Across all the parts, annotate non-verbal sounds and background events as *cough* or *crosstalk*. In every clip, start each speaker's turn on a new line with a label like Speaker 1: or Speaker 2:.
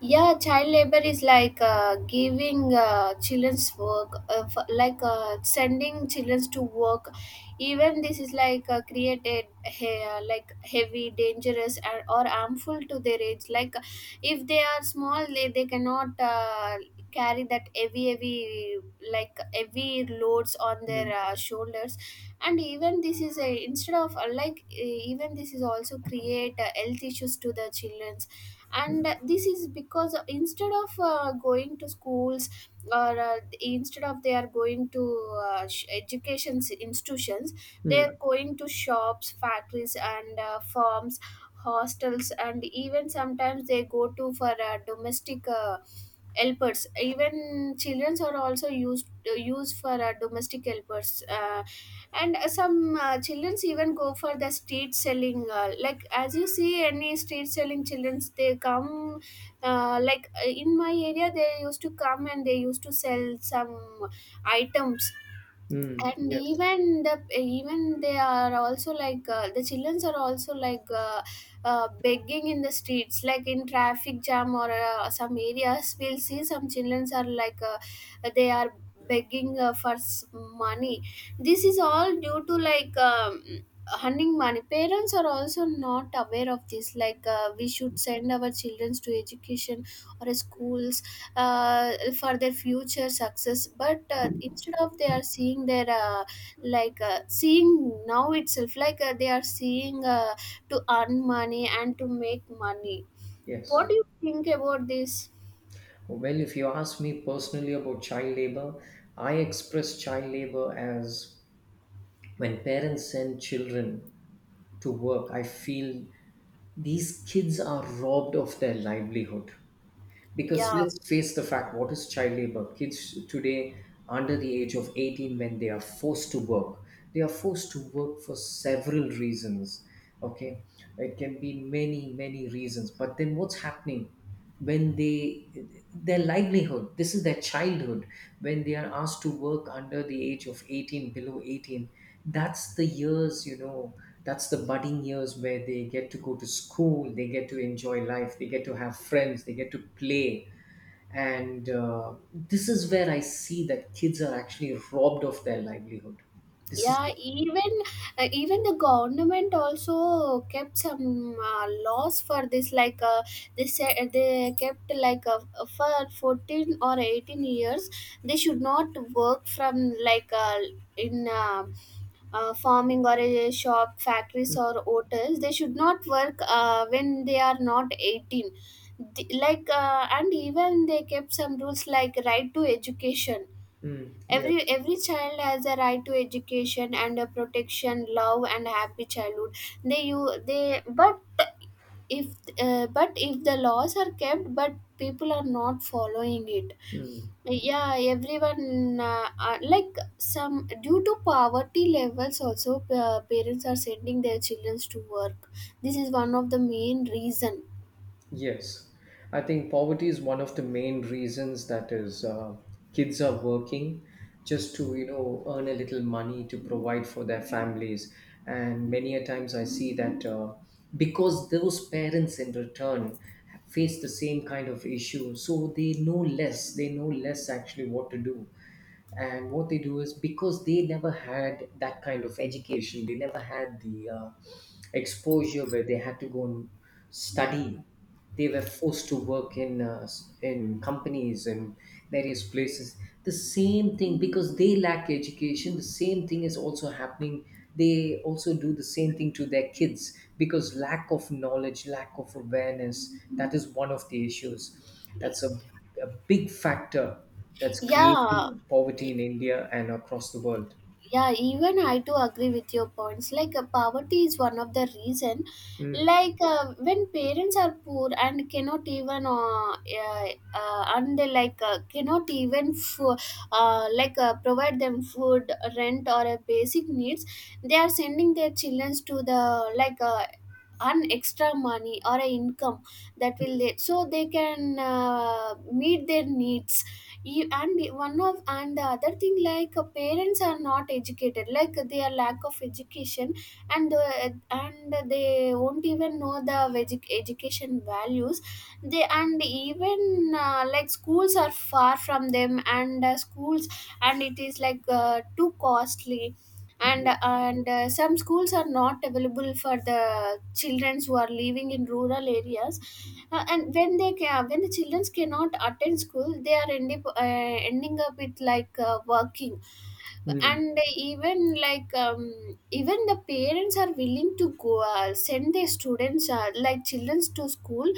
Speaker 1: Yeah, child labor is like giving children's work like sending children to work. Even this is like created like heavy, dangerous, and, or harmful to their age, like, if they are small, they cannot carry that heavy like heavy loads on their
Speaker 2: Mm,
Speaker 1: shoulders. And even this is a, instead of even this is also create health issues to the children.
Speaker 2: mm,
Speaker 1: And this is because, instead of going to schools, or instead of, they are going to education institutions, they
Speaker 2: mm,
Speaker 1: are going to shops, factories, and farms, hostels, and even sometimes they go to for domestic, helpers. Even children are also used for domestic helpers. And some childrens even go for the street selling, like as you see any street selling childrens they come. Like in my area, they used to come and they used to sell some items.
Speaker 2: mm.
Speaker 1: And
Speaker 2: Yes,
Speaker 1: even they are also like, the childrens are also like, begging in the streets, like in traffic jam or some areas we'll see some childrens are like, they are begging for money. This is all due to, like, earning money. Parents are also not aware of this, like, we should send our children to education or schools uh, for their future success. But instead of, they are seeing their like, seeing now itself, like, they are seeing, to earn money and to make money. What
Speaker 2: yes.
Speaker 1: do you think about this?
Speaker 2: Well, if you ask me personally about child labor, I express child labor as when parents send children to work, I feel these kids are robbed of their livelihood. Because,
Speaker 1: Yeah,
Speaker 2: let's face the fact, what is child labor? Kids today under the age of 18, when they are forced to work, they are forced to work for several reasons. Okay, it can be many, many reasons. But then what's happening? When they, their livelihood, this is their childhood. When they are asked to work under the age of 18, below 18, that's the years, that's the budding years where they get to go to school, they get to enjoy life, they get to have friends, they get to play. And this is where I see that kids are actually robbed of their livelihood. This
Speaker 1: yeah,
Speaker 2: is
Speaker 1: even the government also kept some laws for this, like they said, they kept, like, for 14 or 18 years they should not work from, like, in farming or a shop, factories, or
Speaker 2: mm,
Speaker 1: hotels. They should not work when they are not 18. And even they kept some rules like right to education.
Speaker 2: mm,
Speaker 1: every
Speaker 2: yes.
Speaker 1: every child has a right to education and a protection, love, and happy childhood. They you they but if uh, but if the laws are kept, but people are not following it.
Speaker 2: Mm.
Speaker 1: Yeah, everyone, like, some, due to poverty levels also, parents are sending their children to work. This is one of the main reason.
Speaker 2: Yes, I think poverty is one of the main reasons, that is, kids are working just to earn a little money to provide for their families, and many a times I see that because those parents in return face the same kind of issue, so they know less. They know less actually what to do, and what they do is because they never had that kind of education, they never had the exposure where they had to go and study. They were forced to work in in companies and various places. The same thing, because they lack education, the same thing is also happening. They also do the same thing to their kids, because lack of knowledge, lack of awareness, that is one of the issues, that's a big factor that's
Speaker 1: Yeah.
Speaker 2: creating poverty in India and across the world.
Speaker 1: Yeah, even I do agree with your points, like poverty is one of the reason.
Speaker 2: Mm.
Speaker 1: Like, when parents are poor and cannot even, and they, like, cannot even like, provide them food, rent, or a basic needs, they are sending their children to the, like, an extra money or a income, that will, they, so they can meet their needs. E- and one of and the other thing, like, parents are not educated, like they are lack of education. And they won't even know the education values. They, and even like, schools are far from them, and schools, and it is, like, too costly. And some schools are not available for the children who are living in rural areas. And when when the children cannot attend school, they are ending up with, like, working.
Speaker 2: Mm.
Speaker 1: And even like, even the parents are willing to go, send their students, like children to school,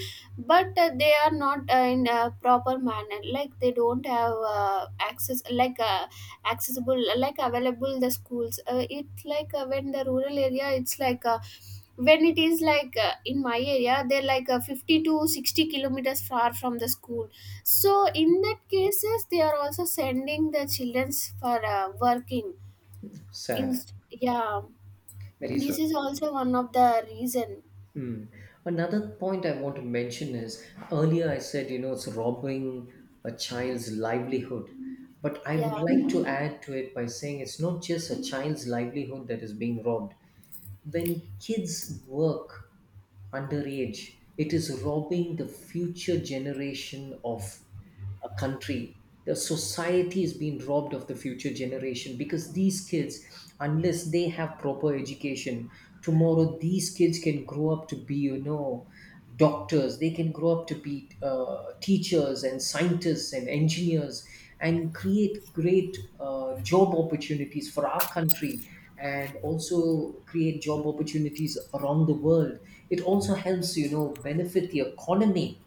Speaker 1: but they are not in a proper manner, like they don't have access, like accessible, like available the schools, it, like, when the rural area, it's like, when it is, like, in my area, they're like, 50 to 60 kilometers far from the school, so in that cases, they are also sending the childrens for working. In,
Speaker 2: Sad.
Speaker 1: yeah,
Speaker 2: Very
Speaker 1: this
Speaker 2: sad.
Speaker 1: is also one of the reason.
Speaker 2: Hmm. Another point I want to mention is earlier I said, you know, it's robbing a child's livelihood. But I
Speaker 1: Yeah.
Speaker 2: would like to add to it by saying it's not just a child's livelihood that is being robbed. When kids work underage, it is robbing the future generation of a country. The society is being robbed of the future generation, because these kids, unless they have proper education, tomorrow these kids can grow up to be, you know, doctors. They can grow up to be teachers and scientists and engineers, and create great job opportunities for our country, and also create job opportunities around the world. It also helps, you know, benefit the economy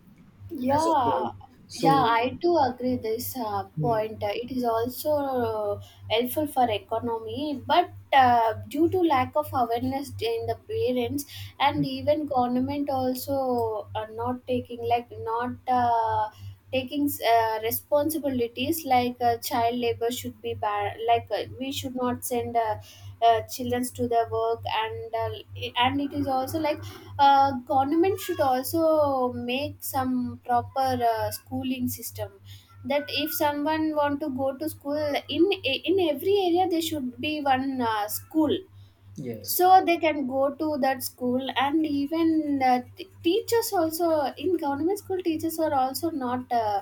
Speaker 2: as a whole.
Speaker 1: Yeah, yeah,
Speaker 2: So
Speaker 1: I do agree this
Speaker 2: mm,
Speaker 1: point. It is also helpful for economy, but due to lack of awareness in the parents, and
Speaker 2: mm.
Speaker 1: even government also are not taking like not taking responsibilities, like child labor should be banned. Like we should not send children to the work, and and it is also like, government should also make some proper schooling system, that if someone want to go to school, in every area there should be one school, so
Speaker 2: Yes.
Speaker 1: they can go to that school. And even teachers also, in government school, teachers are also not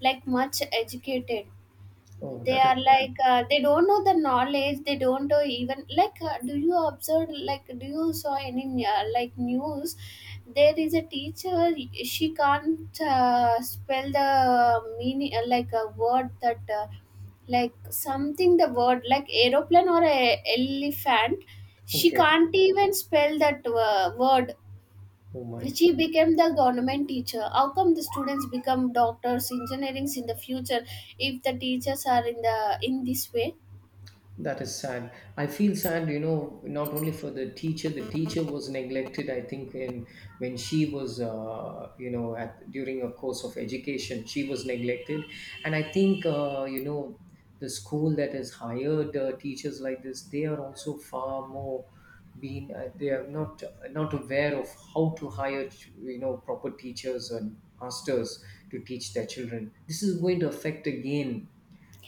Speaker 1: like much educated.
Speaker 2: Oh,
Speaker 1: They
Speaker 2: that is
Speaker 1: are
Speaker 2: bad.
Speaker 1: like, they don't know the knowledge, they don't know even, like, do you observe, like, do you saw any like news, there is a teacher, she can't spell the meaning, like a word that, like something, the word like aeroplane or a elephant. She
Speaker 2: Okay.
Speaker 1: can't even spell that word.
Speaker 2: Oh my.
Speaker 1: She became the government teacher. How come the students become doctors, engineers in the future, if the teachers are in the, in this way?
Speaker 2: That is sad. I feel sad, you know, not only for the teacher. The teacher was neglected. I think when she was, you know, at during a course of education, she was neglected, and I think, you know, the school that has hired teachers like this, they are also far more being they are not aware of how to hire, you know, proper teachers and masters to teach their children. This is going to affect again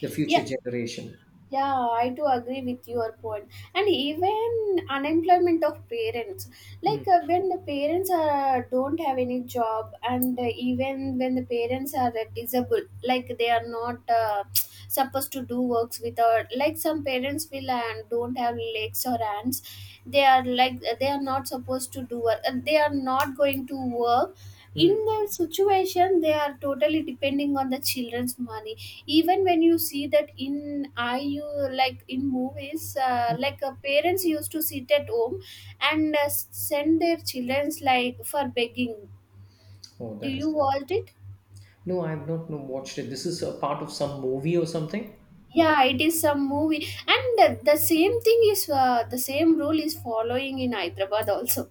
Speaker 2: the future
Speaker 1: Yeah.
Speaker 2: generation.
Speaker 1: Yeah, I do agree with your point. And even unemployment of parents,
Speaker 2: Mm,
Speaker 1: like, when the parents are, don't have any job, and even when the parents are disabled, like they are not *tsk* supposed to do works, without, like, some parents will and don't have legs or hands, they are like they are not supposed to do work. They are not going to work. In
Speaker 2: mm.
Speaker 1: that situation, they are totally depending on the children's money. Even when you see that, in I you like in movies, like, parents used to sit at home and send their childrens like for begging.
Speaker 2: Oh,
Speaker 1: Do
Speaker 2: that
Speaker 1: you
Speaker 2: is sad.
Speaker 1: watch it?
Speaker 2: No, I have not, no, watched it. This is a part of some movie or something.
Speaker 1: Yeah, it is some movie, and the same rule is following in Hyderabad also,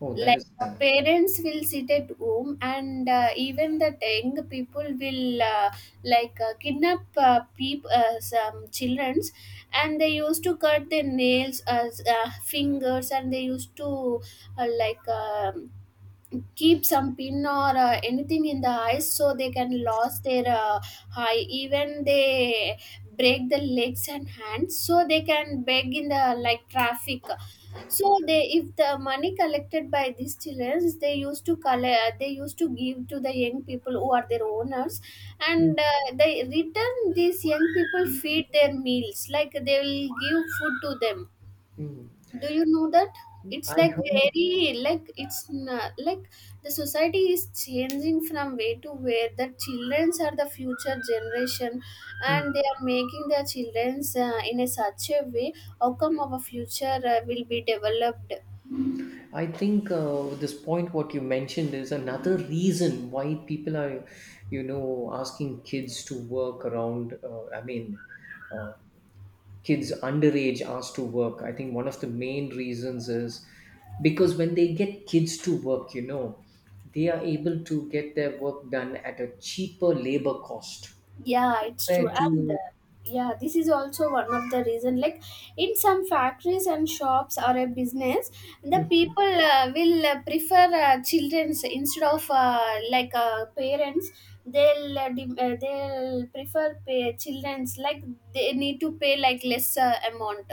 Speaker 2: Oh, that
Speaker 1: like
Speaker 2: is
Speaker 1: the
Speaker 2: sad.
Speaker 1: parents will sit at home, and even the young people will like kidnap some childrens, and they used to cut their nails as, fingers, and they used to like, keep some pin or anything in the eyes so they can lose their eye, even they break the legs and hands so they can beg in the, like, traffic. So they, if the money collected by these children, they used to collect, they used to give to the young people who are their owners,
Speaker 2: Mm.
Speaker 1: and they return, these young people feed their meals, like they will give food to them.
Speaker 2: Hmm.
Speaker 1: Do you know that? It's
Speaker 2: I
Speaker 1: like,
Speaker 2: heard.
Speaker 1: very like it's not, like, the society is changing from way to where the childrens are the future generation,
Speaker 2: Hmm.
Speaker 1: and they are making their childrens in a such a way. How come our future will be developed?
Speaker 2: I think this point what you mentioned is another reason why people are, asking kids to work around. I mean, uh, kids underage asked to work. I think one of the main reasons is because when they get kids to work, they are able to get their work done at a cheaper labor cost.
Speaker 1: Yeah, it's true,
Speaker 2: Fair
Speaker 1: and
Speaker 2: to.
Speaker 1: yeah, this is also one of the reason, like, in some factories and shops or a business, the people will prefer children's instead of like, parents. They'll prefer pay children's, like they need to pay like lesser amount,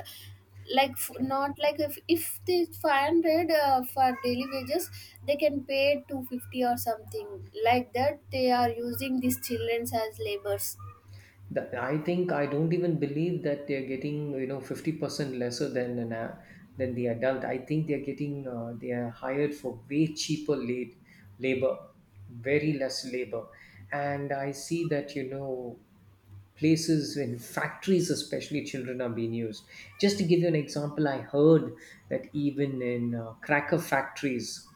Speaker 1: like,
Speaker 2: Okay.
Speaker 1: not like, if they 500 for daily wages, they can pay 250 or something. Like that, they are using these children as labors.
Speaker 2: That, I think I don't even believe that they're getting 50% lesser than than the adult. I think they are hired for way cheaper labor, very less labor, and I see that, you know, places in factories especially children are being used. Just to give you an example, I heard that even in cracker factories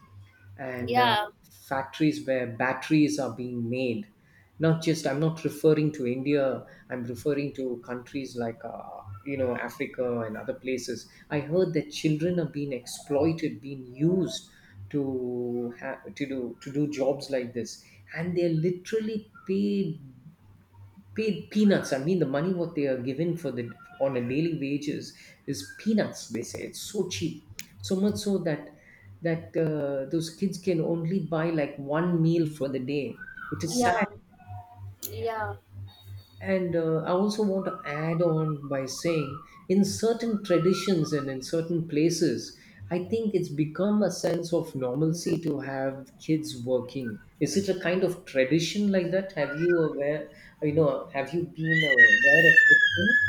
Speaker 2: and
Speaker 1: Yeah,
Speaker 2: factories where batteries are being made. Not just, I'm not referring to India, I'm referring to countries like, you know, Africa and other places. I heard that children are being exploited, being used to do jobs like this, and they're literally paid peanuts. I mean, the money what they are given for the, on a daily wages, is peanuts. They say it's so cheap, so much so that those kids can only buy like one meal for the day. It is sad.
Speaker 1: yeah, yeah.
Speaker 2: And I also want to add on by saying, in certain traditions and in certain places, I think it's become a sense of normalcy to have kids working. Is it a kind of tradition like that? Have you been aware of such things?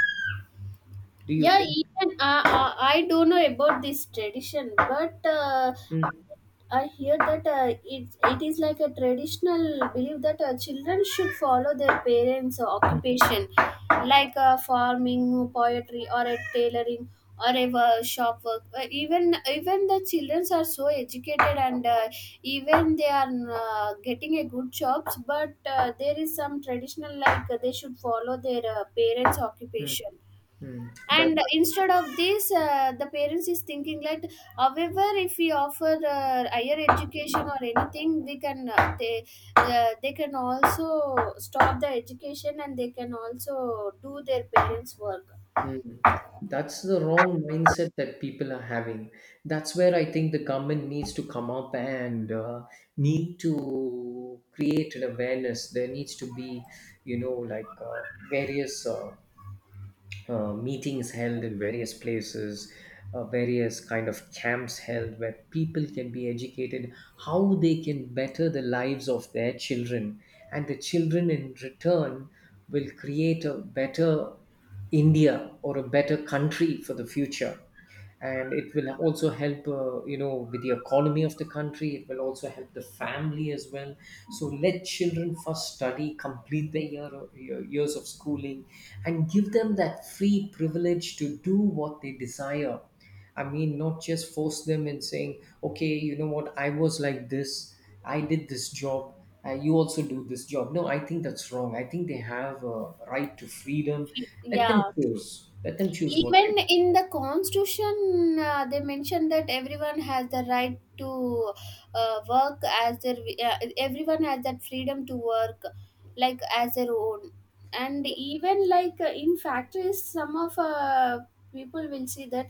Speaker 2: Do you
Speaker 1: Yeah,
Speaker 2: think?
Speaker 1: even I don't know about this tradition, but
Speaker 2: Mm,
Speaker 1: I hear that it is like a traditional belief that children should follow their parents'
Speaker 2: mm,
Speaker 1: occupation, like, farming, poetry, or a tailoring, or a shop work. Even the children are so educated, and even they are getting a good jobs, but there is some traditional, like, they should follow their parents'
Speaker 2: mm,
Speaker 1: occupation,
Speaker 2: mm. That's.
Speaker 1: and instead of this, the parents is thinking, like, however if we offer higher education or anything we can, they, they can also stop the education and they can also do their parents work.
Speaker 2: Mm. That's the wrong mindset that people are having. That's where I think the government needs to come up and need to create an awareness. There needs to be, like various meetings held in various places, various kind of camps held where people can be educated, how they can better the lives of their children, and the children in return will create a better India or a better country for the future. And it will also help, with the economy of the country. It will also help the family as well. So let children first study, complete their years of schooling, and give them that free privilege to do what they desire. I mean, not just force them in saying, okay, you know what, I was like this, I did this job, you also do this job. No, I think that's wrong. I think they have a right to freedom. Let them
Speaker 1: Yeah.
Speaker 2: choose, let them choose what they.
Speaker 1: Even in the constitution, they mention that everyone has the right to work as their, everyone has that freedom to work, like as their own. And even like in factories, some of people will see that,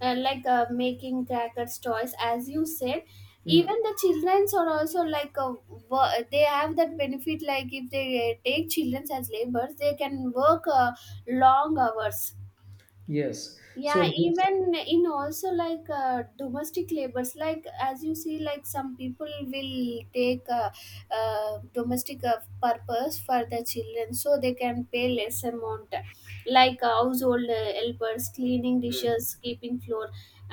Speaker 1: like, making crackers, toys, as you said.
Speaker 2: Hmm.
Speaker 1: Even the childrens are also like, they have that benefit. Like if they take childrens as labors, they can work long hours.
Speaker 2: Yes.
Speaker 1: Yeah,
Speaker 2: So basic-.
Speaker 1: even in also like domestic labors, like as you see, like some people will take domestic purpose for the children so they can pay less amount. Like household helpers, cleaning
Speaker 2: Mm.
Speaker 1: dishes, keeping floor,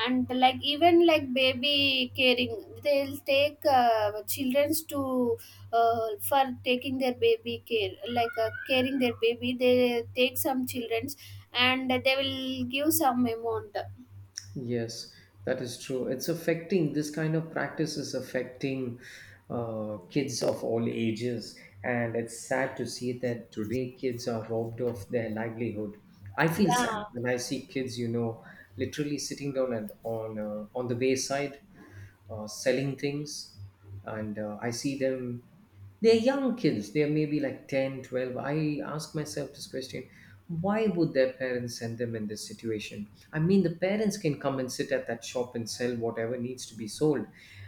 Speaker 1: and like even like baby caring, they'll take children's to for taking their baby care, like caring their baby, they take some children and they will give some amount.
Speaker 2: Yes, that is true. It's affecting This kind of practice is affecting kids of all ages, and it's sad to see that today kids are robbed of their livelihood. I feel
Speaker 1: Yeah,
Speaker 2: sad when I see kids, literally sitting down and on the wayside selling things, and I see them, they're young kids, they're maybe like 10, 12. I ask myself this question, why would their parents send them in this situation? I mean, the parents can come and sit at that shop and sell whatever needs to be sold,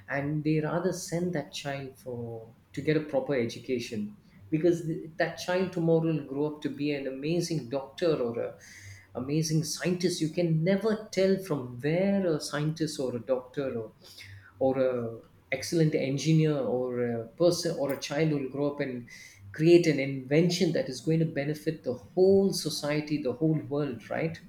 Speaker 2: and they rather send that child for, to get a proper education, because that child tomorrow will grow up to be an amazing doctor, or a amazing scientist. You can never tell from where a scientist or a doctor, or a excellent engineer, or a person, or a child who will grow up and create an invention that is going to benefit the whole society, the whole world, right?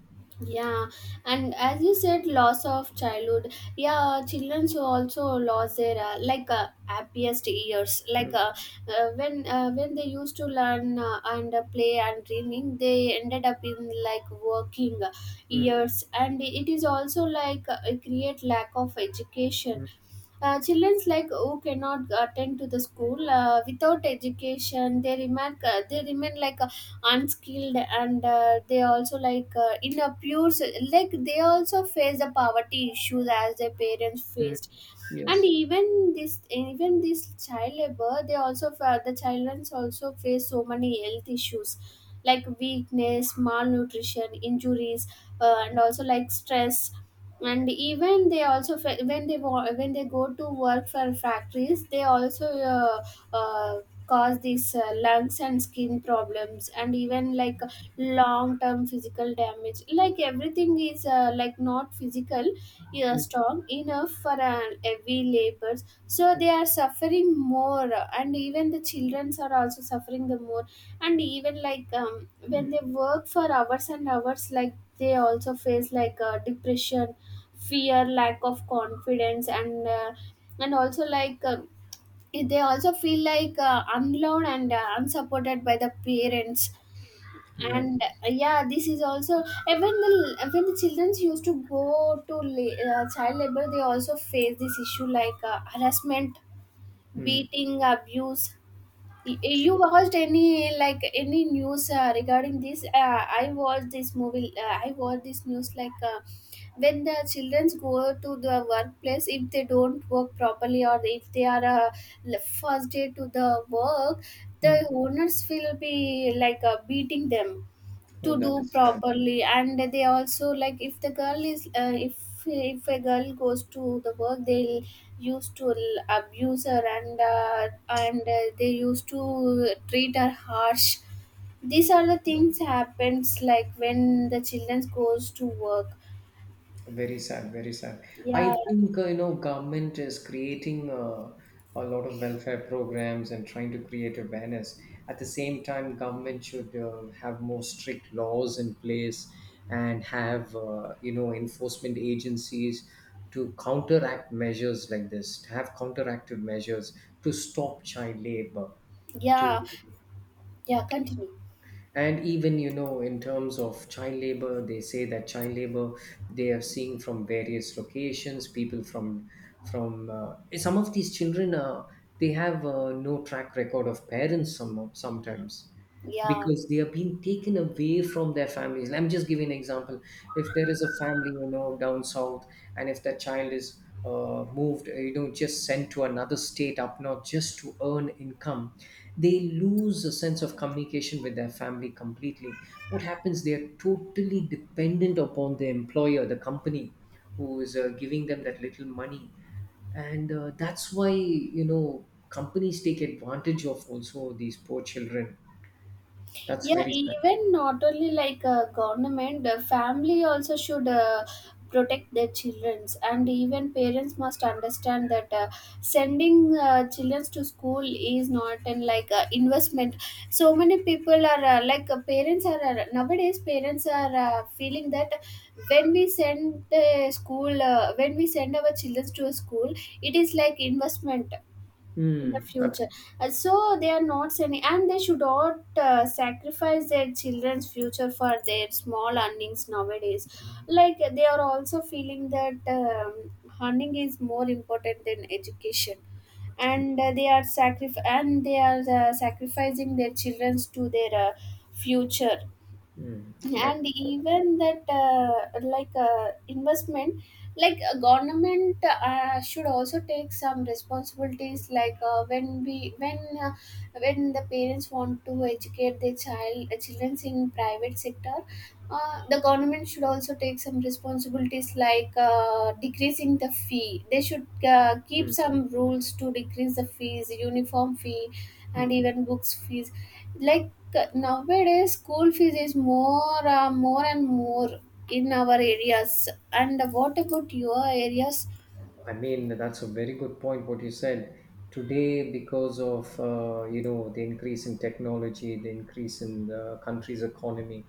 Speaker 1: yeah. And as you said, loss of childhood, yeah, children so also lost their like happiest years, like
Speaker 2: Mm,
Speaker 1: when they used to learn and play and dreaming, they ended up in like working
Speaker 2: mm,
Speaker 1: years. And it is also like create lack of education.
Speaker 2: mm,
Speaker 1: Children's like who cannot attend to the school without education, they remain like unskilled, and they also like in a pure s- like they also face the poverty issues as their parents
Speaker 2: mm.
Speaker 1: faced. And
Speaker 2: Yes.
Speaker 1: even this child labor, the children also face so many health issues, like weakness, malnutrition, injuries, and also like stress. And even they also fa- when they wa- when they go to work for factories, they also uh, cause these lungs and skin problems, and even like long term physical damage, like everything is like not physical
Speaker 2: Mm,
Speaker 1: strong enough for heavy labors, so they are suffering more. And even the childrens are also suffering the more. And even like when they work for hours and hours, like they also face like depression, fear, lack of confidence, and also like they also feel like unloved and unsupported by the parents.
Speaker 2: yes.
Speaker 1: And yeah, this is also. Even the children used to go to child labor, they also face this issue like harassment,
Speaker 2: Mm,
Speaker 1: beating, abuse. Y- you watched any, like any news regarding this? I watched this news, like when the children go to the workplace, if they don't work properly, or if they are first day to the work, the
Speaker 2: mm.
Speaker 1: owners will be like beating them to
Speaker 2: Oh, that
Speaker 1: do
Speaker 2: is sad.
Speaker 1: properly. And they also like, if the girl is if a girl goes to the work, they'll abuse her, and they used to treat her harsh. These are the things happens like when the children goes to work.
Speaker 2: Very sad, very sad. I
Speaker 1: Yeah.
Speaker 2: think government is creating a lot of welfare programs and trying to create awareness. At the same time, government should have more strict laws in place, and have enforcement agencies to counteract measures like this, to have counteractive measures to stop child labor. To.
Speaker 1: Yeah, yeah, continue.
Speaker 2: And even, in terms of child labor, they say that child labor, they are seeing from various locations, people from, some of these children, they have no track record of parents, sometimes,
Speaker 1: Yeah.
Speaker 2: because they are being taken away from their families. I'm just giving an example. If there is a family, down south, and if that child is moved, just sent to another state up north just to earn income, they lose a sense of communication with their family completely. What happens? They are totally dependent upon the employer, the company, who is giving them that little money, and that's why, companies take advantage of also these poor children. That's
Speaker 1: Yeah,
Speaker 2: very sad.
Speaker 1: even not only like government, the family also should protect their childrens. And even parents must understand that sending children to school is not an like investment. So many people are like parents are nowadays parents are feeling that when we send our children to a school, it is like investment in the
Speaker 2: Mm,
Speaker 1: future.
Speaker 2: absolutely.
Speaker 1: So they are not sending, and they should not sacrifice their children's future for their small earnings nowadays. Like they are also feeling that earning is more important than education. And they are sacrificing their children's to their future.
Speaker 2: Mm. That
Speaker 1: And
Speaker 2: is
Speaker 1: even that investment, like government should also take some responsibilities, like when we when the parents want to educate their children in private sector. The government should also take some responsibilities, like decreasing the fee. They should keep
Speaker 2: mm,
Speaker 1: some rules to decrease the fees, uniform fee and
Speaker 2: mm.
Speaker 1: even books fees. Like nowadays, school fees is more and more in our areas. And what about your areas?
Speaker 2: I mean, that's a very good point what you said. Today, because of the increase in technology, the increase in the country's economy,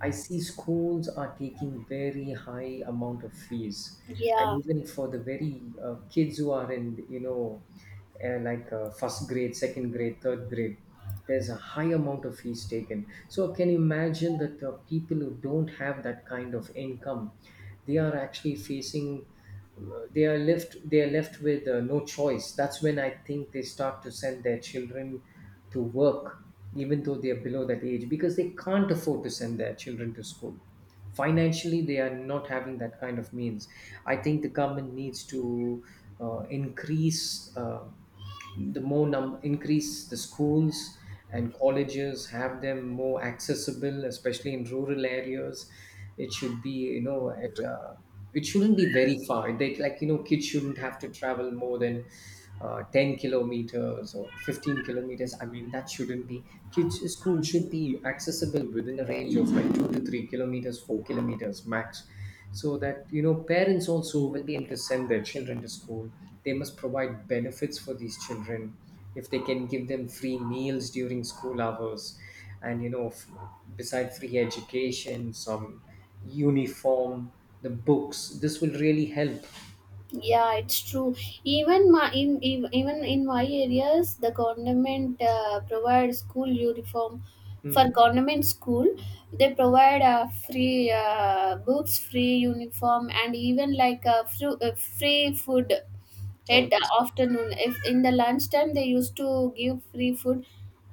Speaker 2: I see schools are taking very high amount of fees,
Speaker 1: Yeah,
Speaker 2: and even for the very kids who are in, like first grade, second grade, third grade, there's a high amount of fees taken. So can you imagine that people who don't have that kind of income, they are actually facing, they are left with no choice. That's when I think they start to send their children to work even though they are below that age, because they can't afford to send their children to school. Financially, they are not having that kind of means. I think the government needs to increase increase the schools and colleges, have them more accessible, especially in rural areas. It should be, you know, at it shouldn't be very far. They, like, kids shouldn't have to travel more than 10 kilometers or 15 kilometers. I mean, that shouldn't be. Kids' school should be accessible within a range of like 2 to 3 kilometers, 4 kilometers max. So that, you know, parents also will be able to send their children to school. They must provide benefits for these children. If they can give them free meals during school hours, and you know, beside free education, some uniform, the books, this will really help.
Speaker 1: yeah, it's true. Even even in my areas, the government provide school uniform for
Speaker 2: Mm.
Speaker 1: government school. They provide free books, free uniform, and even like free food
Speaker 2: Oh,
Speaker 1: at
Speaker 2: that's,
Speaker 1: afternoon, if in the lunchtime they used to give free food.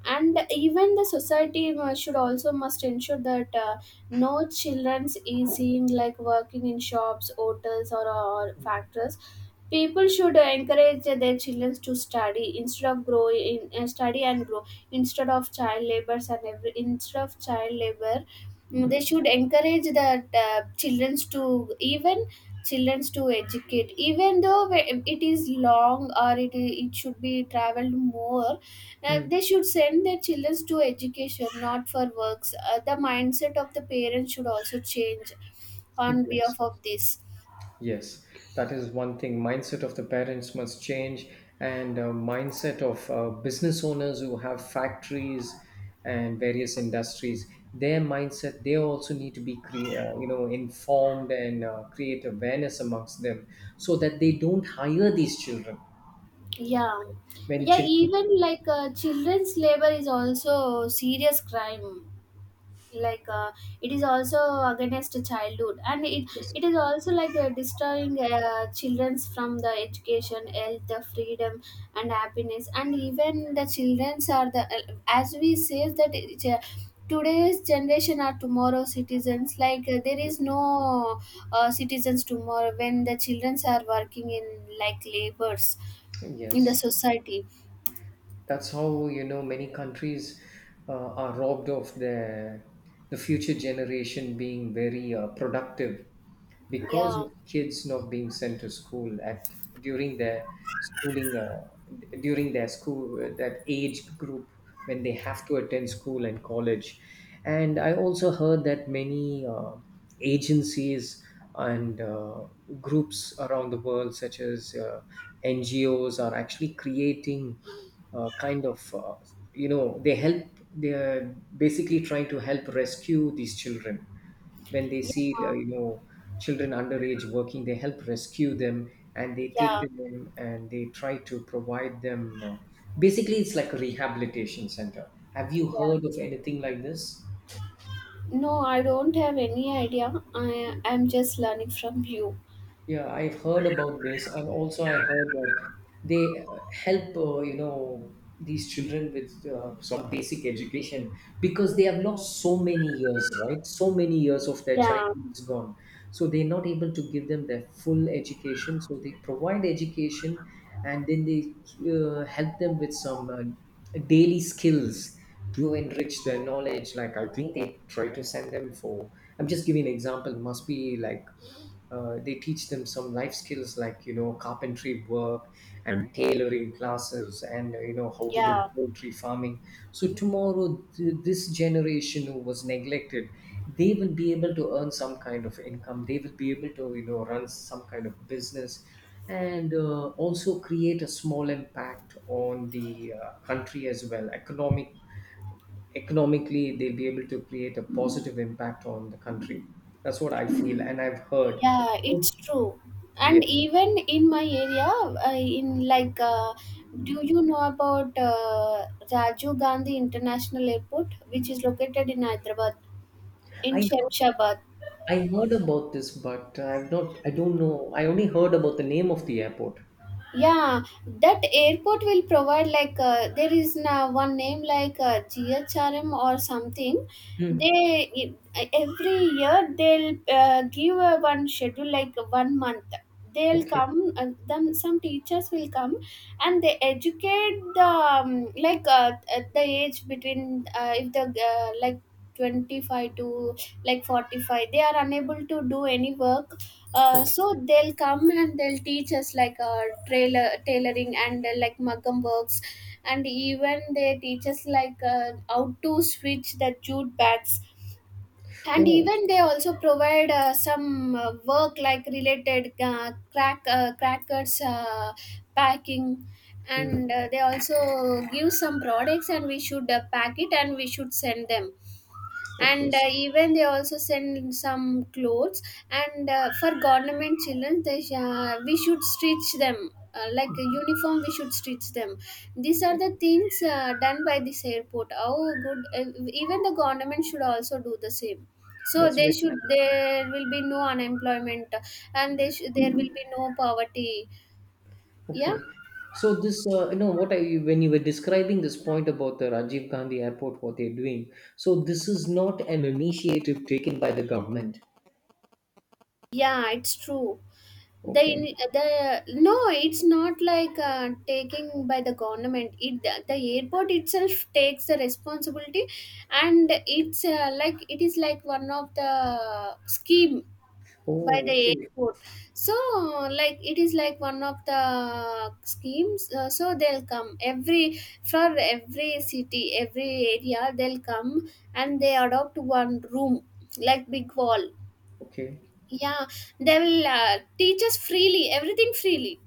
Speaker 1: And even the society should also must ensure that no children's easing like working in shops, hotels, or factories. People should encourage their children to study instead of grow in study and grow, instead of child labors, and every instead of child labor. Mm, they
Speaker 2: mm.
Speaker 1: should encourage that children to even children to educate, even though it is long or it should be traveled more.
Speaker 2: Mm.
Speaker 1: They should send their children to education, not for works. The mindset of the parents should also change on
Speaker 2: Yes.
Speaker 1: behalf of this.
Speaker 2: Yes, that is one thing. Mindset of the parents must change, and mindset of business owners who have factories and various industries. Their mindset, they also need to be you know, informed, and create awareness amongst them, so that they don't hire these children
Speaker 1: Yeah.
Speaker 2: when
Speaker 1: Yeah,
Speaker 2: children.
Speaker 1: even like children's labor is also a serious crime. Like it is also against childhood, and it
Speaker 2: Yes,
Speaker 1: it is also like destroying children's from the education, health, the freedom and happiness. And even the children's are the, as we say, that today's generation are tomorrow's citizens. Like there is
Speaker 2: yes,
Speaker 1: no citizens tomorrow when the childrens are working in like labors in the
Speaker 2: yes.
Speaker 1: society.
Speaker 2: That's how, you know, many countries are robbed of their, the future generation being very productive, because
Speaker 1: Yeah.
Speaker 2: of kids not being sent to school at during their schooling uh, during their school, that age group, when they have to attend school and college. And I also heard that many agencies and groups around the world, such as NGOs, are actually creating uh, kind of uh, they help. They are basically trying to help rescue these children when they see,
Speaker 1: Yeah,
Speaker 2: uh, children underage working. They help rescue them and they take
Speaker 1: yeah,
Speaker 2: them in and they try to provide them. Basically, it's like a rehabilitation center. Have you
Speaker 1: yeah.
Speaker 2: heard of anything like this?
Speaker 1: No, I don't have any idea. I am just learning from you.
Speaker 2: Yeah, I've heard about this, and also I heard that they help, you know, these children with some basic education, because they have lost so many years, right? So many years of their
Speaker 1: Yeah,
Speaker 2: childhood is gone. So they're not able to give them their full education. So they provide education, and then they help them with some daily skills to enrich their knowledge. Like, I think they try to send them for, I'm just giving an example. Must be like they teach them some life skills, like, you know, carpentry work and tailoring classes, and you know, how to do
Speaker 1: yeah,
Speaker 2: poultry farming. So tomorrow, this generation who was neglected, they will be able to earn some kind of income, they will be able to, you know, run some kind of business, and also create a small impact on the country as well. Economically, they'll be able to create a positive impact on the country. That's what I feel, and I've heard.
Speaker 1: yeah, it's true.
Speaker 2: Yeah,
Speaker 1: And even in my area, do you know about Rajiv Gandhi International Airport, which is located in Hyderabad, in
Speaker 2: I heard,
Speaker 1: Shemshabad?
Speaker 2: I heard about this, but I've not, I don't know. I only heard about the name of the airport.
Speaker 1: Yeah, that airport will provide, like there is now one name like GHRM or something.
Speaker 2: Mm.
Speaker 1: They e, every year they'll give a one schedule like one month. They'll
Speaker 2: Okay,
Speaker 1: come and then some teachers will come, and they educate the, at the age between if the like 25 to like 45, they are unable to do any work. uh,
Speaker 2: okay.
Speaker 1: so they'll come and they'll teach us like trailer tailoring, and like mugam works. And even they teach us like how to switch the jute bags. And
Speaker 2: Oh,
Speaker 1: even they also provide some work, like related crackers packing.
Speaker 2: mm.
Speaker 1: And they also give some products, and we should pack it and we should send them.
Speaker 2: Okay,
Speaker 1: And even they also send some clothes. And for government children, we should stitch them like a uniform, we should stitch them. These are
Speaker 2: okay.
Speaker 1: the things done by this airport. How good. Even the government should also do the same. So
Speaker 2: That's
Speaker 1: they
Speaker 2: very
Speaker 1: should
Speaker 2: nice.
Speaker 1: there will be no unemployment, there will be no poverty. Yeah.
Speaker 2: Okay. So this, you know, what I when you were describing this point about the Rajiv Gandhi Airport, what they're doing. So this is not an initiative taken by the government.
Speaker 1: Yeah, it's true. The
Speaker 2: Okay.
Speaker 1: ini- the No, it's not like taking by the government. It The airport itself takes the responsibility. And it is like one of the scheme by
Speaker 2: Oh,
Speaker 1: the
Speaker 2: okay,
Speaker 1: airport. So like it is like one of the schemes. So they'll come every, for every city, every area they'll come. And they adopt one room, like big wall.
Speaker 2: okay.
Speaker 1: Yeah, they will teach us freely, everything freely.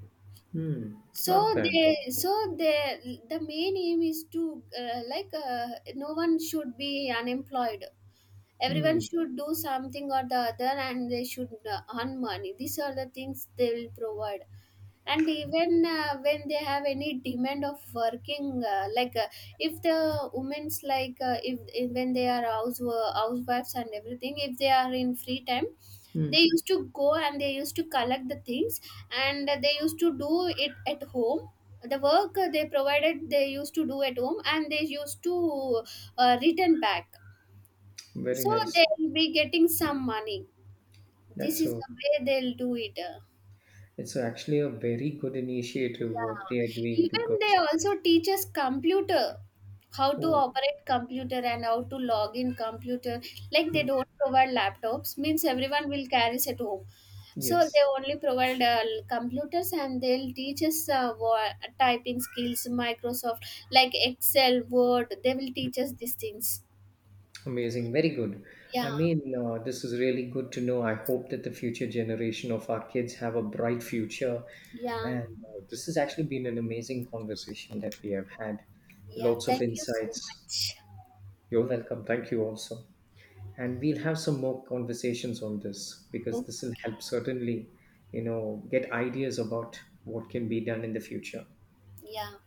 Speaker 2: Hmm. Not bad.
Speaker 1: So they the main aim is to no one should be unemployed. Everyone
Speaker 2: Hmm.
Speaker 1: should do something or the other, and they should earn money. These are the things they will provide. And even when they have any demand of working, if the women's like if when they are housewives and everything, if they are in free time,
Speaker 2: Hmm.
Speaker 1: they used to go and they used to collect the things, and they used to do it at home. The work they provided, they used to do at home, and they used to return back.
Speaker 2: Very
Speaker 1: So
Speaker 2: nice.
Speaker 1: they'll be getting some money. This
Speaker 2: That's
Speaker 1: is
Speaker 2: a,
Speaker 1: the way they'll do it.
Speaker 2: it's actually a very good initiative
Speaker 1: Yeah.
Speaker 2: what they are doing,
Speaker 1: Even they
Speaker 2: because,
Speaker 1: also teach us computer, how to
Speaker 2: oh,
Speaker 1: operate computer and how to log in computer. Like they
Speaker 2: mm,
Speaker 1: don't provide laptops, means everyone will carry it at home. So they
Speaker 2: yes,
Speaker 1: only provide computers, and they'll teach us typing skills, Microsoft, like Excel, Word. They will teach us these things.
Speaker 2: amazing, very good. I
Speaker 1: Yeah,
Speaker 2: mean, this is really good to know. I hope that the future generation of our kids have a bright future.
Speaker 1: yeah,
Speaker 2: And this has actually been an amazing conversation that we have had.
Speaker 1: yeah.
Speaker 2: Lots of
Speaker 1: Thank you so
Speaker 2: insights.
Speaker 1: much.
Speaker 2: You're welcome. Thank you also. And we'll have some more conversations on this, because
Speaker 1: Okay.
Speaker 2: this will help certainly, you know, get ideas about what can be done in the future.
Speaker 1: Yeah.